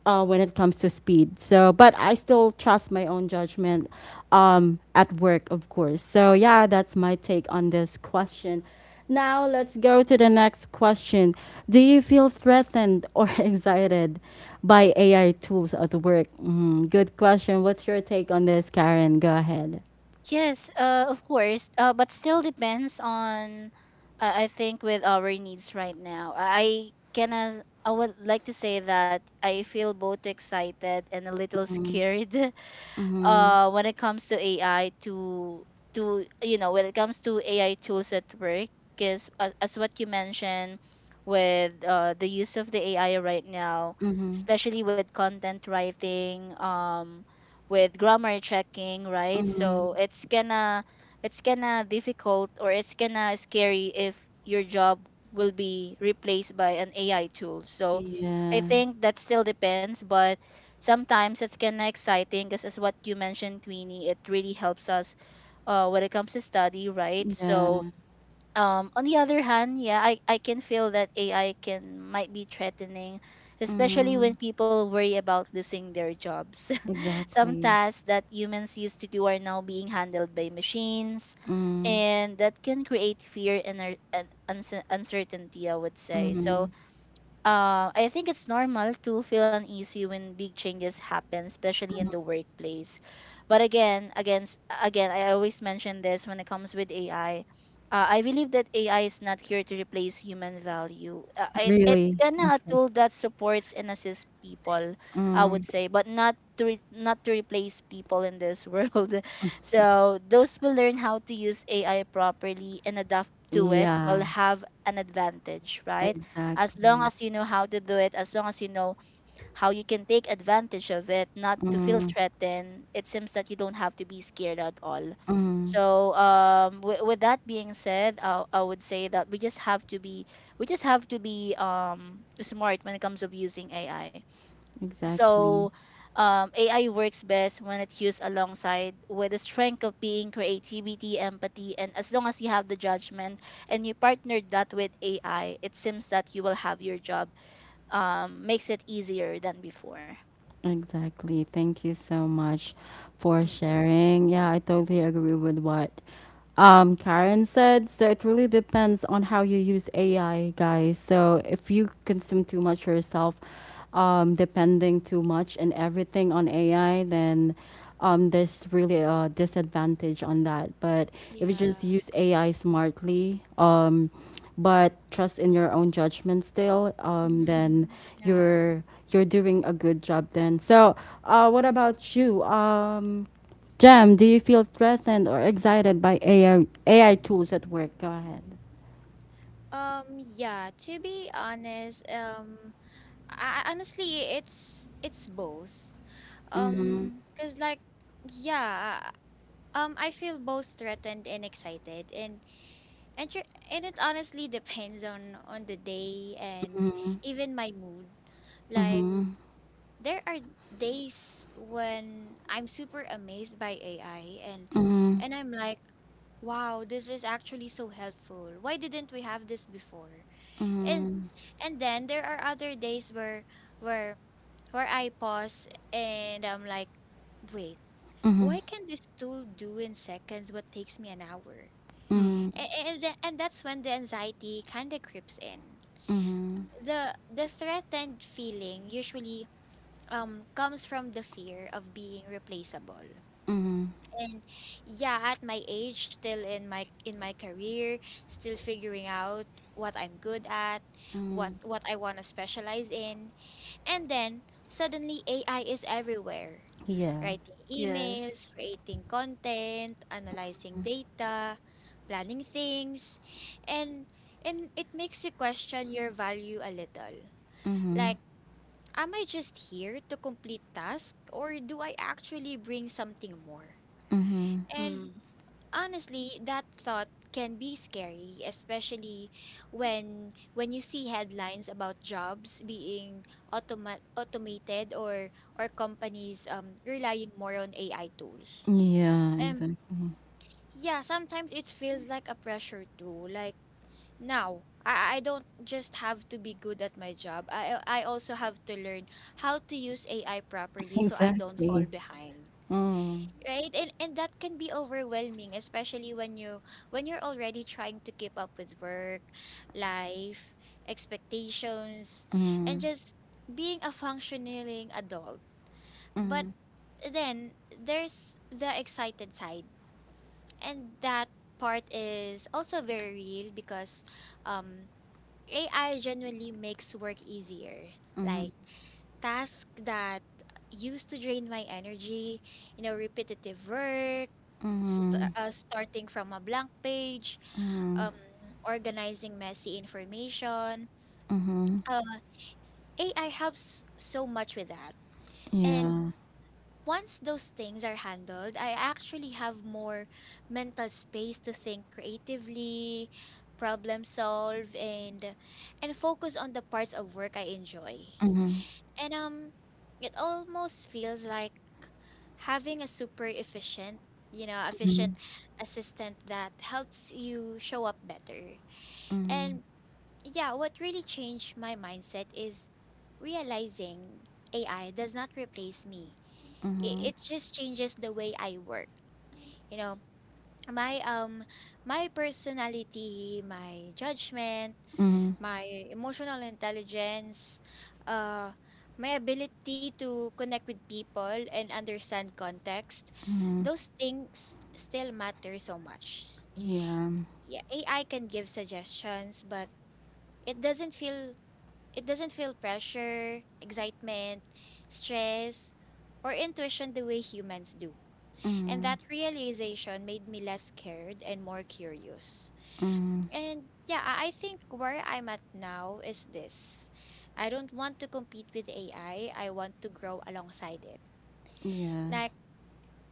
A: when it comes to speed. So, but I still trust my own judgment, at work, of course. So, yeah, that's my take on this question. Now, let's go to the next question. Do you feel threatened or excited by AI tools at work? Mm, good question. What's your take on this, Karen? Go ahead.
B: Yes, of course. But still depends on, I think, with our needs right now. I would like to say that I feel both excited and a little scared when it comes to AI, to you know when it comes to AI tools at work because as what you mentioned with the use of the AI right now,
A: Mm-hmm.
B: especially with content writing, with grammar checking, right?
A: Mm-hmm.
B: So it's gonna difficult, or it's gonna scary if your job will be replaced by an AI tool. So I
A: Yeah.
B: think that still depends. But sometimes it's kind of exciting because, as what you mentioned, Tweenie, it really helps us when it comes to study, right? So
A: Yeah.
B: on the other hand, yeah, I can feel that AI can might be threatening, especially when
A: Mm-hmm.
B: people worry about losing their jobs. Some
A: Exactly.
B: tasks that humans used to do are now being handled by machines,
A: Mm-hmm.
B: and that can create fear and uncertainty, I would say. So I think it's normal to feel uneasy when big changes happen, especially in the workplace. But again, again, again, I always mention this when it comes with AI. I believe that AI is not here to replace human value. It's
A: Really?
B: gonna a
A: Okay.
B: tool that supports and assists people, I would say, but not to replace people in this world. So those who learn how to use AI properly and adapt to it will
A: Yeah,
B: have an advantage, right? As long
A: exactly.
B: as you know how to do it, as long as you know how you can take advantage of it, not to feel
A: Mm,
B: threatened, it seems that you don't have to be scared at all.
A: mm,
B: So, with that being said, I would say that we just have to be smart when it comes of using AI. So
A: exactly.
B: AI works best when it's used alongside with the strength of being creativity, empathy, and as long as you have the judgment and you partnered that with AI, it seems that you will have your job, makes it easier than before.
A: Exactly. Thank you so much for
B: Mm,
A: sharing. Yeah, I totally agree with what, Karen said. So it really depends on how you use AI, guys. So if you consume too much yourself, depending too much and everything on AI, then, there's really a disadvantage on that. But if you just
C: Yeah.
A: use AI smartly, but trust in your own judgment still, then
C: Mhm. Yeah.
A: you're you're doing a good job then. So, what about you, Jam? Do you feel threatened or excited by AI tools at work? Go ahead.
C: Yeah, to be honest, honestly, it's both.
A: Mm-hmm.
C: 'Cause like yeah, I feel both threatened and excited and and tr- and it honestly depends on the day and even my mood. Like
A: Mm-hmm.
C: there are days when I'm super amazed by AI
A: Mm-hmm.
C: and I'm like, wow, this is actually so helpful. Why didn't we have this before? And and then there are other days where where where I pause and I'm like, wait,
A: Mm-hmm.
C: why can this tool do in seconds what takes me an hour?
A: Mm-hmm.
B: mm,
C: And, and that's when the anxiety kind of creeps in.
A: Mm-hmm.
C: The threatened feeling usually comes from the fear of being replaceable.
A: Mm-hmm.
C: And yeah, at my age, still in my career, still figuring out what I'm good at, what I want to specialize in, and then suddenly AI is everywhere.
A: Yeah.
C: Writing emails,
B: yes.
C: creating content, analyzing data, planning things, and and it makes you question your value a little.
A: Mm-hmm.
C: Like, am I just here to complete tasks or do I actually bring something more?
A: Mm-hmm.
C: And
B: Mm,
C: honestly, that thought can be scary, especially when you see headlines about jobs being automated or companies relying more on AI tools.
A: Yeah.
C: Um
A: Exactly.
C: yeah, sometimes it feels like a pressure too. Like now, I don't just have to be good at my job. I also have to learn how to use AI properly so I don't fall
A: Exactly.
C: behind,
A: Mm-hmm.
C: right. And that can be overwhelming, especially when you're already trying to keep up with work, life, expectations, and
A: Mm-hmm.
C: just being a functioning adult. But then there's the excited side, and that part is also very real because um AI genuinely makes work easier.
A: Mm-hmm.
C: Like tasks that used to drain my energy, you know, repetitive work,
A: Mm-hmm.
C: starting from a blank page, um, organizing messy information.
A: Mm-hmm.
C: Uh, AI helps so much with that. And
A: Yeah.
C: once those things are handled, I actually have more mental space to think creatively, problem solve, and focus on the parts of work I enjoy.
A: Mhm.
C: And it almost feels like having a super efficient, efficient
A: Mhm.
C: assistant that helps you show up better.
A: Mhm.
C: And yeah, what really changed my mindset is realizing AI does not replace me. It,
A: Mhm.
C: it just changes the way I work. You know, my my personality, my judgment,
A: Mhm.
C: my emotional intelligence, uh, my ability to connect with people and understand context,
A: Mhm.
C: those things still matter so much.
A: Yeah.
C: Yeah, AI can give suggestions, but it doesn't feel it doesn't feel pressure, excitement, stress, or intuition the way humans do. And
A: Mhm.
C: that realization made me less scared and more curious.
A: Mhm.
C: And yeah, I think where I'm at now is this. I don't want to compete with AI. I want to grow alongside it.
A: Yeah.
C: Like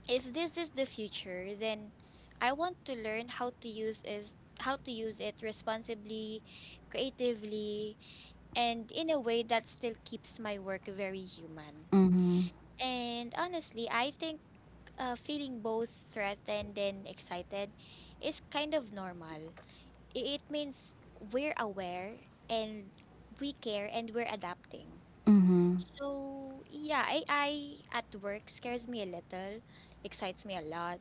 C: if this is the future, then I want to learn how to use it responsibly, creatively, and in a way that still keeps my work very human.
A: Mhm.
C: And honestly, I think feeling both threatened and excited is kind of normal. It means we're aware, and we care, and we're adapting.
A: Mhm.
C: So yeah, AI at work scares me a little, excites me a lot,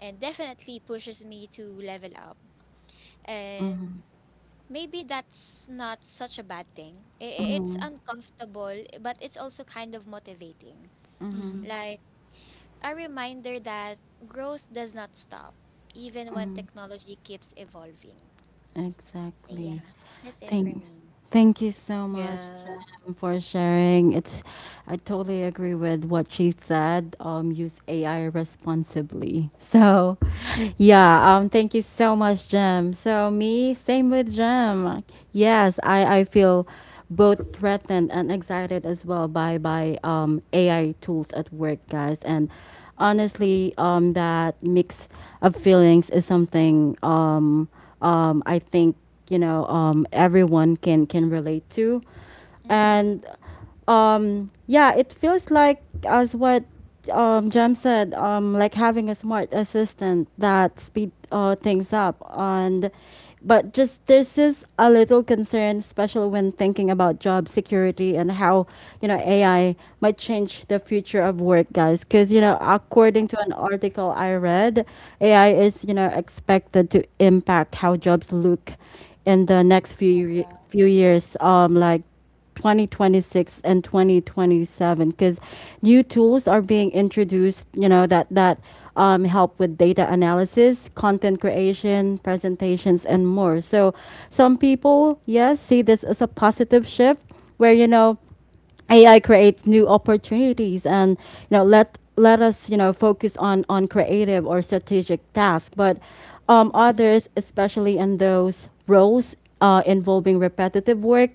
C: and definitely pushes me to level up.
A: Mhm.
C: And
A: Mhm.
C: maybe that's not such a bad thing. It's
A: Mhm.
C: uncomfortable, but it's also kind of motivating.
B: mm,
A: Mhm.
C: Like a reminder that growth does not stop, even when technology keeps evolving. So yeah,
A: Exactly.
C: that's it for
A: Thank,
C: me.
A: Thank you so much,
B: yeah.
A: Jem, for sharing. It's, I totally agree with what she said. Use AI responsibly. So, yeah. Thank you so much, Jem. So me, same with Jem. Yes, I feel both threatened and excited as well by um, AI tools at work, guys, and honestly, that mix of feelings is something I think, you know, everyone can relate to,
C: Mm-hmm.
A: and, yeah, it feels like, as what, Jem said, like having a smart assistant that speed, things up. And but just this is a little concern, especially when thinking about job security and how, you know, AI might change the future of work, guys. Because, you know,
C: Yeah.
A: according to an article I read, AI is, you know, expected to impact how jobs look in the next few few years. Like 2026 and 2027, because new tools are being introduced, you know, that help with data analysis, content creation, presentations, and more. So some people, yes, see this as a positive shift where, you know, AI creates new opportunities, and, you know, let us, you know, focus on creative or strategic tasks. But,
C: Mhm.
A: others, especially in those roles, involving repetitive work,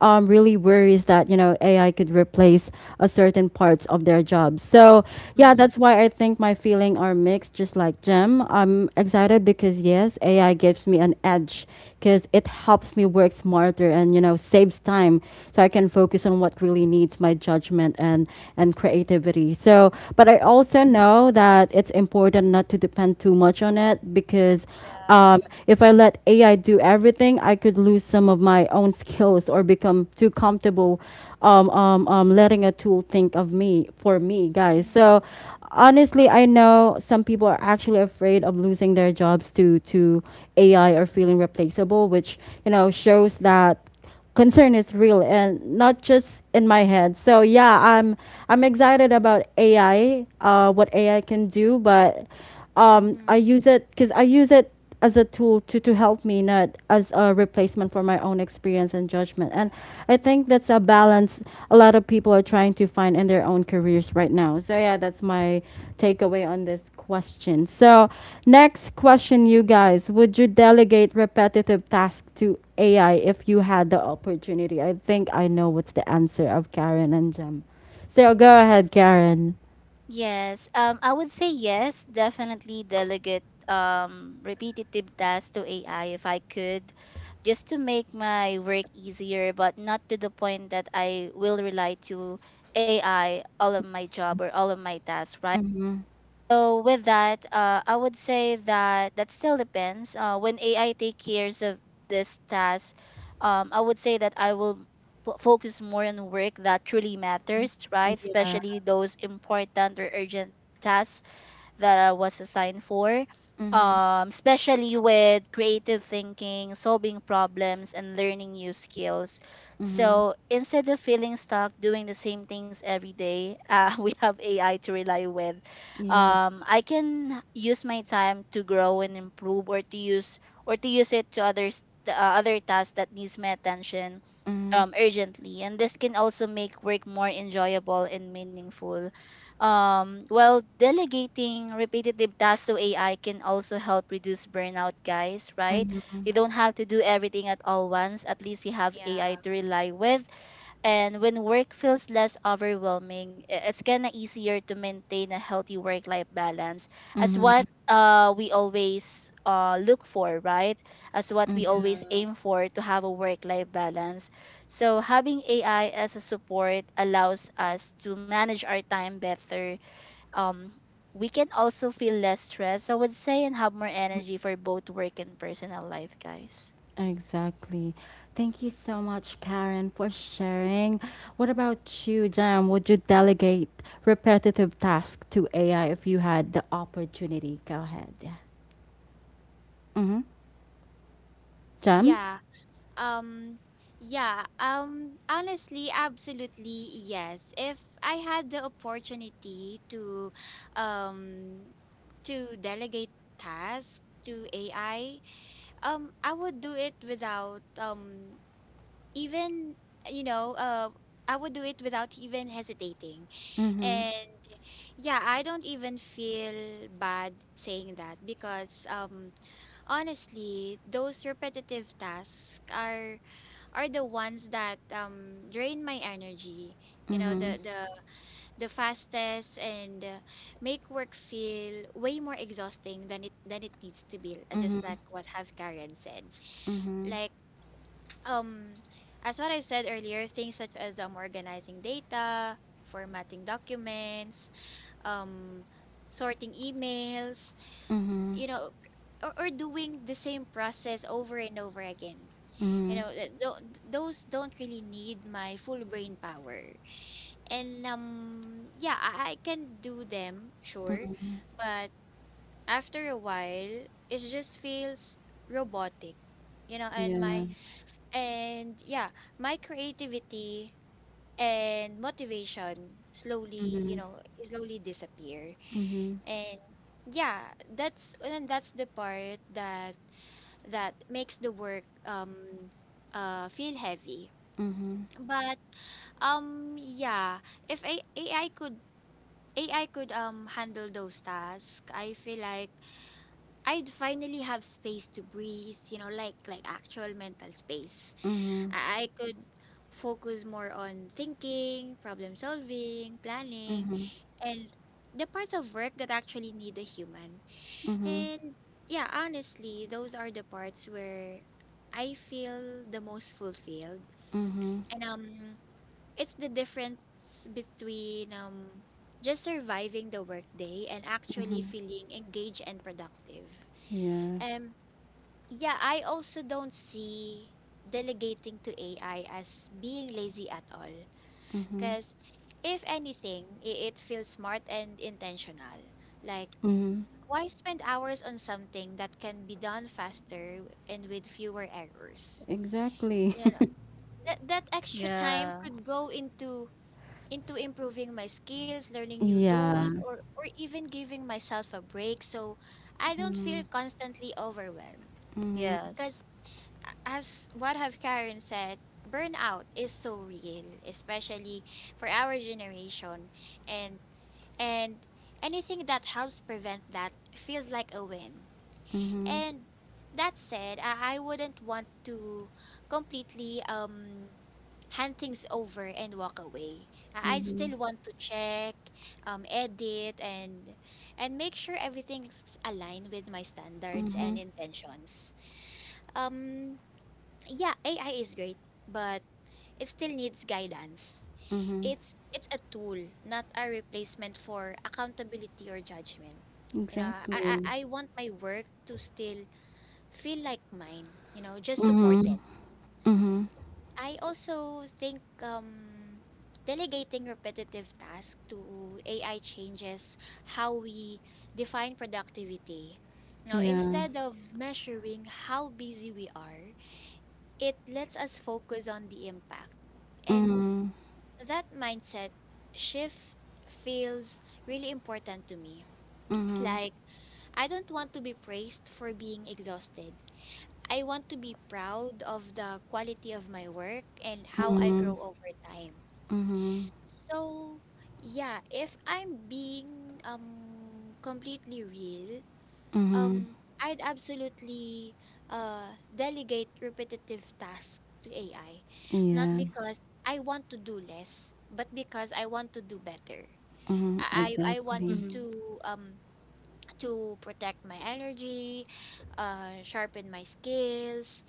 A: really worries that, you know, AI could replace a certain parts of their jobs. So yeah, that's why I think my feeling are mixed, just like Jem. I'm excited because yes, because AI gives me an edge because it helps me work smarter and, you know, saves time so I can focus on what really needs my judgment and creativity. So, but I also know that it's important not to depend too much on it because
C: Yeah.
A: um, if I let AI do everything, I could lose some of my own skills or become too comfortable, letting a tool think of me for me, guys. So
C: Mhm.
A: honestly, I know some people are actually afraid of losing their jobs to AI or feeling replaceable, which you know shows that concern is real and not just in my head. So yeah, I'm excited about AI, what AI can do, but
C: Mhm.
A: I use it as a tool to help me, not as a replacement for my own experience and judgment. And
C: Uh,
A: I think that's a balance a lot of people are trying to find in their own careers right now. So, yeah, that's my takeaway on this question. So, next question, you guys, would you delegate repetitive tasks to AI if you had the opportunity? I think I know what's the answer of Karen and Jem. So, go ahead, Karen.
B: Yes, I would say yes, definitely delegate repetitive tasks to AI if I could, just to make my work easier, but not to the point that I will rely to AI all of my job or all of my tasks, right?
A: Mm-hmm.
B: So with that, I would say that that still depends. When AI take cares of this task, I would say that I will focus more on work that truly matters, right?
A: Yeah.
B: Especially those important or urgent tasks that I was assigned for,
A: Mm-hmm.
B: especially with creative thinking, solving problems, and learning new skills.
A: Mm-hmm.
B: So instead of feeling stuck doing the same things every day, we have AI to rely with.
A: Yeah.
B: I can use my time to grow and improve, or to use it to other tasks that needs my attention urgently. And this can also make work more enjoyable and meaningful. Well, delegating repetitive tasks to AI can also help reduce burnout, guys, right?
A: Mm-hmm.
B: You don't have to do everything at all once. At least you have AI
C: yeah.
B: to rely with. And when work feels less overwhelming, it's kind of easier to maintain a healthy work life balance, as what
A: Mhm,
B: we always look for, right? As what we
A: mhm,
C: Yeah.
B: always aim for, to have a work life balance. So having AI as a support allows us to manage our time better. um we can also feel less stress, I would say, and have more energy for both work and personal life, guys.
A: exactly. Thank you so much, Karen, for sharing. What about you, Jam? Would you delegate repetitive tasks to AI if you had the opportunity? Go ahead. Yeah. Mm-hmm. Jam?
C: Yeah. Um, yeah. Honestly, absolutely yes. If I had the opportunity um to delegate tasks to AI, I would do it without even you know, uh I would do it without even hesitating.
A: Mm-hmm.
C: And yeah, I don't even feel bad saying that because honestly, those repetitive tasks are the ones that drain my energy. You know,
A: Mm-hmm.
C: the fastest and make work feel way more exhausting than it needs to be, just
A: Mm-hmm.
C: like what have Karen said. Like um as what I've said earlier, things such as organizing data, formatting documents, um, sorting emails,
A: Mm-hmm.
C: you know, or doing the same process over and over again. You
A: Mm-hmm.
C: know, those don't really need my full brain power. And yeah, I can do them, sure,
A: Mm-hmm.
C: but after a while, it just feels robotic. You know, and my
A: Yeah.
C: and yeah, my creativity and motivation slowly,
A: Mm-hmm.
C: slowly disappear.
A: Mm-hmm.
C: And yeah, that's the part that makes the work feel heavy.
A: Mm-hmm.
C: But yeah, if A AI could AI could handle those tasks, I feel like I'd finally have space to breathe, you know, like actual mental space. I could focus more on thinking, problem solving, planning,
A: Mm-hmm. Mm-hmm.
C: and the parts of work that actually need a human.
A: Mm-hmm.
C: And yeah, honestly, those are the parts where I feel the most fulfilled.
A: Mm-hmm.
C: And it's the difference between just surviving the workday and actually
A: Mm-hmm.
C: feeling engaged and productive.
A: Yeah.
C: Um yeah, I also don't see delegating to AI as being lazy at all
A: Mm-hmm.
C: because if anything, it feels smart and intentional. Like
A: Mm-hmm.
C: why spend hours on something that can be done faster and with fewer errors?
A: Exactly.
C: You know, that extra time
B: Yeah.
C: could go into improving my skills, learning new tools,
A: Yeah.
C: or even giving myself a break so I don't feel
A: Mhm.
C: constantly overwhelmed.
A: Mhm.
C: Because
B: Yes.
C: as what have Karen said, burnout is so real, especially for our generation, and and anything that helps prevent that feels like a win.
A: Mhm.
C: And that said, I wouldn't want to completely hand things over and walk away. I'd
A: Mhm.
C: still want to check, edit, and make sure everything's aligned with my standards and
A: Mhm.
C: intentions. Um, yeah, AI is great, but it still needs guidance.
A: Mhm.
C: It's a tool, not a replacement for accountability or judgment. You know, I
A: Exactly.
C: I, I want my work to still feel like mine, you know, just
A: Mhm.
C: supported.
A: Mhm.
C: I also think delegating repetitive tasks to AI changes how we define productivity. Now,
A: Yeah.
C: instead of measuring how busy we are, it lets us focus on the impact. And
A: Mhm.
C: that mindset shift feels really important to me.
A: Mhm.
C: Like, I don't want to be praised for being exhausted. I want to be proud of the quality of my work and how I
A: Mhm.
C: grow over time.
A: Mhm.
C: So yeah, if I'm being completely real,
A: Mhm.
C: um I'd absolutely delegate repetitive tasks to AI. Not
A: Yeah.
C: because I want to do less, but because I want to do better.
A: Mhm.
C: I want
A: Exactly.
B: Mm-hmm.
C: um to protect my energy, sharpen my skills,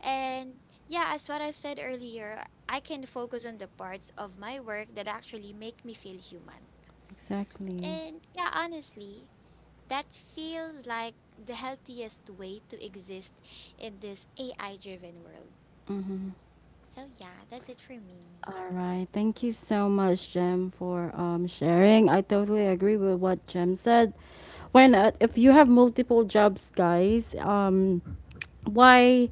C: and yeah, as what I've said earlier, I can focus on the parts of my work that actually make me feel human.
A: Exactly.
C: And yeah, honestly, that feels like the healthiest way to exist in this AI driven world. So yeah, that's it for me.
A: All right. Thank you so much, Jem, for sharing. I totally agree with what Jem said. When if you have multiple jobs, guys, why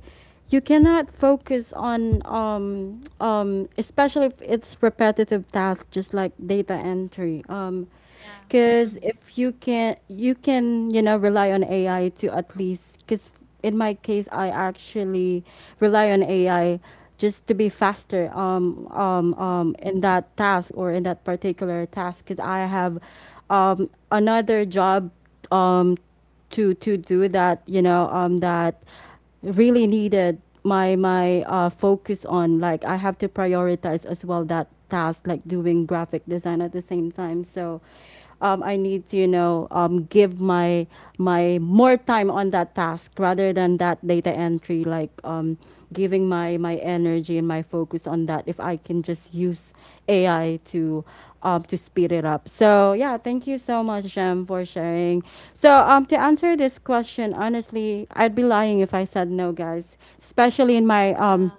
A: you cannot focus on especially if it's repetitive tasks just like data entry,
C: Yeah.
A: because if you can, you know rely on AI to, at least because in my case, I actually rely on AI just to be faster, in that task or in that particular task because I have another job um, to do that, you know, that really needed my focus on. Like I have to prioritize as well that task, like doing graphic design at the same time. So I need to, you know, give my more time on that task rather than that data entry, like, giving my energy and my focus on that, if I can just use AI to speed it up. So yeah, thank you so much, Jem, for sharing. So to answer this question, honestly, I'd be lying if I said no, guys. Especially in my,
C: Yeah,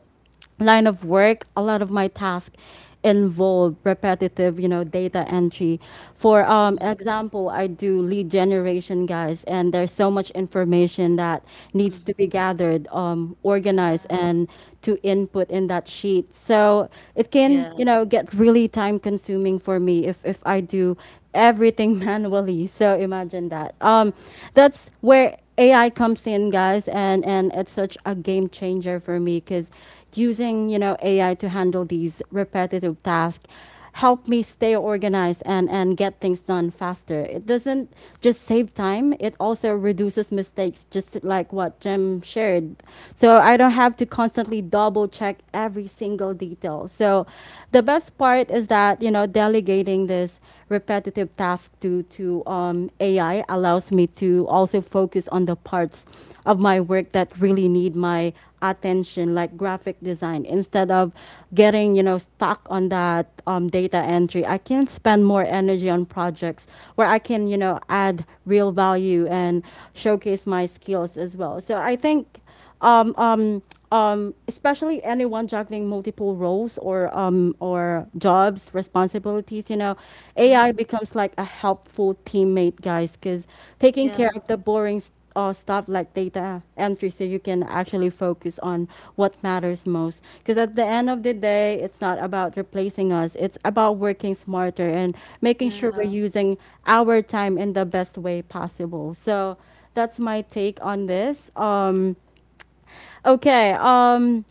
A: line of work, a lot of my tasks involve repetitive, you know, data entry. For
B: Mm-hmm.
A: example, I do lead generation, guys, and there's so much information that needs to
B: Mm-hmm.
A: be gathered, organized,
C: yeah.
A: and to input in that sheet. So it can, you know,
B: Yes.
A: get really time consuming for me if I do everything manually. So imagine that.
C: Yeah.
A: That's where AI comes in, guys, and it's such a game changer for me because using you know AI to handle these repetitive tasks help me stay organized and get things done faster. It doesn't just save time, it also reduces mistakes, just like what Jim shared. So I don't have to constantly double check every single detail. So the best part is that, you know, delegating this repetitive task to AI allows me to also focus on the parts of my work that really need my attention, like graphic design, instead of getting you know stuck on that, data entry. I can spend more energy on projects where I can you know add real value and showcase my skills as well. So I think, um, um, especially anyone juggling multiple roles or jobs responsibilities, you know, AI
B: Mm-hmm.
A: becomes like a helpful teammate, guys, because taking care of
B: Yes.
A: the boring or stuff like data entry, so you can actually focus on what matters most, because at the end of the day it's not about replacing us, it's about working smarter and making sure we're
B: Yeah.
A: using our time in the best way possible. So that's my take on this. Okay um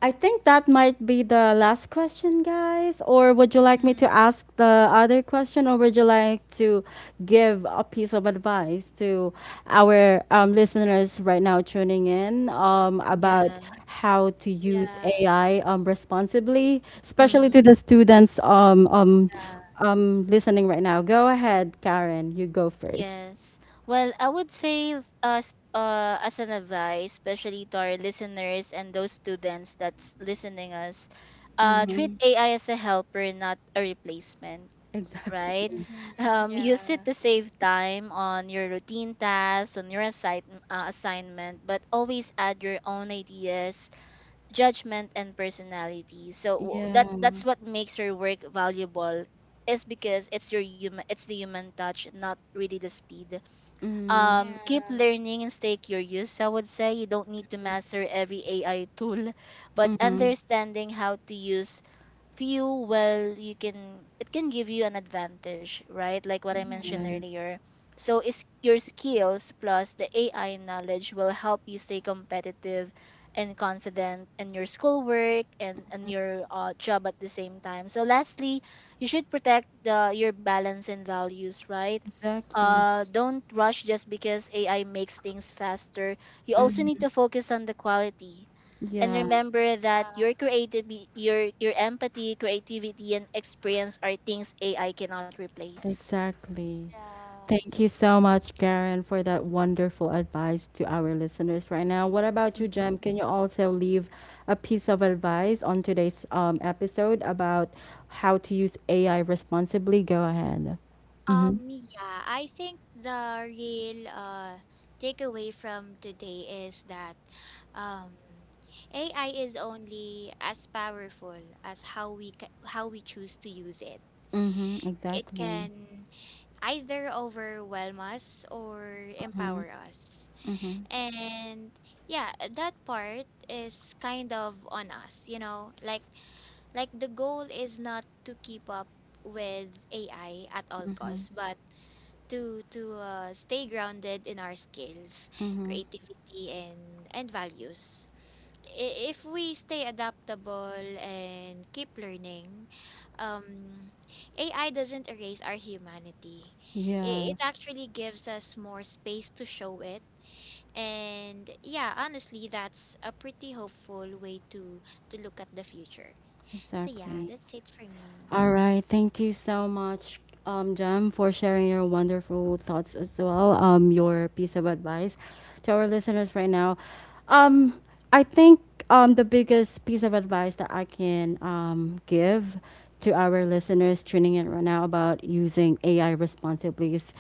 A: I think that might be the last question, guys. Or would you like me
C: Mm-hmm.
A: to ask the other question, or would you like to give a piece of advice to our listeners right now tuning in, about
B: Yeah.
A: how to use
C: Yeah,
A: AI responsibly, especially
B: Mm-hmm.
A: to the students,
C: yeah.
A: listening right now? Go ahead, Karen. You go 1st.
B: Yes. Well, I would say as an advice, especially to our listeners and those students that's listening us, treat
A: Mm-hmm.
B: AI as a helper, not a replacement,
A: Exactly.
B: right?
C: Mm-hmm.
B: Use it
C: Yeah.
B: to save time on your routine tasks, on your assignment, but always add your own ideas, judgment, and personality. So w-
A: Yeah.
B: that that's what makes your work valuable, is because it's your human, it's the human touch, not really the speed.
A: Mm-hmm.
C: Yeah.
B: Keep learning and stay curious, I would say. You don't need to master every AI tool, but understanding how to use few well, you can it can give you an advantage, right? Like what I mentioned
C: Mm-hmm.
B: earlier.
A: Yes.
B: So is your skills plus the AI knowledge will help you stay competitive and confident in your schoolwork and in your job at the same time. So lastly, you should protect your balance and values, right?
A: Exactly.
B: Don't rush just because AI makes things faster. You also need
A: Mhm.
B: to focus on the quality and
A: Yeah,
B: remember that
C: Yeah.
B: your creative your empathy, creativity and experience are things AI cannot replace.
A: exactly.
C: Yeah.
A: Thank you so much, Karen, for that wonderful advice to our listeners right now. What about you, Jem? Can you also leave a piece of advice on today's episode about how to use AI responsibly? Go ahead. Mm-hmm.
C: Yeah, I think the real takeaway from today is that um AI is only as powerful as how we choose to use it.
A: Mm-hmm.
C: It
A: Exactly.
C: can either overwhelm us or
A: Mm-hmm.
C: empower us.
A: Mm-hmm.
C: And yeah, that part is kind of on us, you know? Like the goal is not to keep up with AI at all costs, but to stay grounded in our skills,
A: Mm-hmm.
C: creativity, and values. If we stay adaptable and keep learning, um, AI doesn't erase our humanity.
A: Yeah,
C: It actually gives us more space to show it. And yeah, honestly, that's a pretty hopeful way to look at the future. So yeah,
A: exactly.
C: that's it for me.
A: All right. Thank you so much, Jem, for sharing your wonderful thoughts as well. Your piece of advice to our listeners right now. Um, I think, the biggest piece of advice that I can, give to our listeners tuning in right now about using AI responsibly is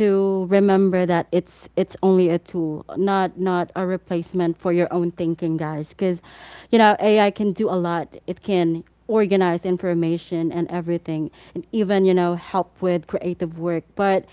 A: to remember that it's only a tool, not a replacement for your own thinking, guys. Because you know AI can do a lot. It can organize information and everything, and even you know help with creative work. But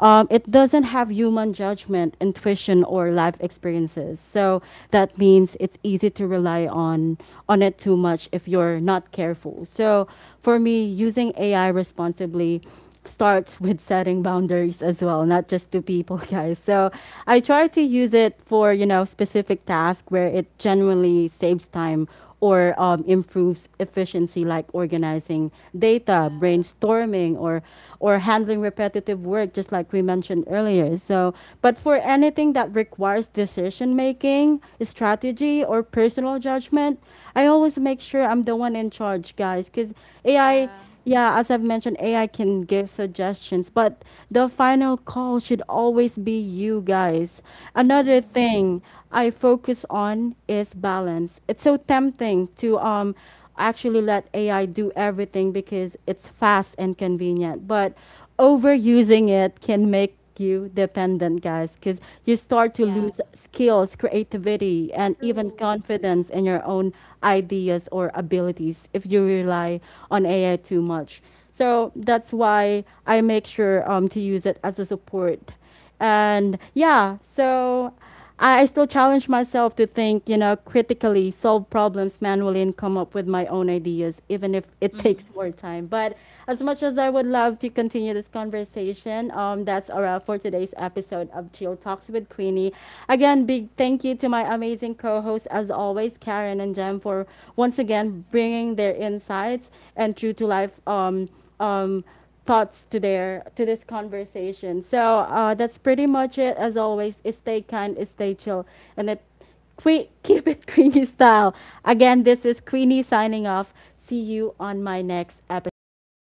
A: it doesn't have human judgment, intuition, or life experiences. So that means it's easy to rely on it too much if you're not careful. So for me, using AI responsibly starts with setting boundaries as well, not just to people, guys. So I try to use it for, you know, specific task where it genuinely saves time or improves efficiency, like organizing data,
C: Yeah.
A: brainstorming, or handling repetitive work, just like we mentioned earlier. So but for anything that requires decision making, strategy, or personal judgment, I always make sure I'm the one in charge, guys, cuz AI,
C: Yeah.
A: yeah, as I've mentioned, AI can give suggestions, but the final call should always be you, guys. Another
C: Mm-hmm.
A: thing I focus on is balance. It's so tempting to actually let AI do everything because it's fast and convenient, but overusing it can make you dependent, guys, because you start to
C: Yeah.
A: lose skills, creativity, and even
C: True.
A: confidence in your own ideas or abilities if you rely on AI too much. So that's why I make sure, to use it as a support and yeah, so I still challenge myself to think, you know, critically, solve problems manually, and come up with my own ideas, even if it takes
B: Mhm.
A: more time. But as much as I would love to continue this conversation, that's a wrap for today's episode of Chill Talks with Queenie. Again, big thank you to my amazing co hosts, as always, Karen and Jem, for once again bringing their insights and true to life. Um, thoughts to this conversation. So that's pretty much it. As always, stay kind, stay chill, and keep it Queenie style. Again, this is Queenie signing off. See you on my next episode. Thank you, guys.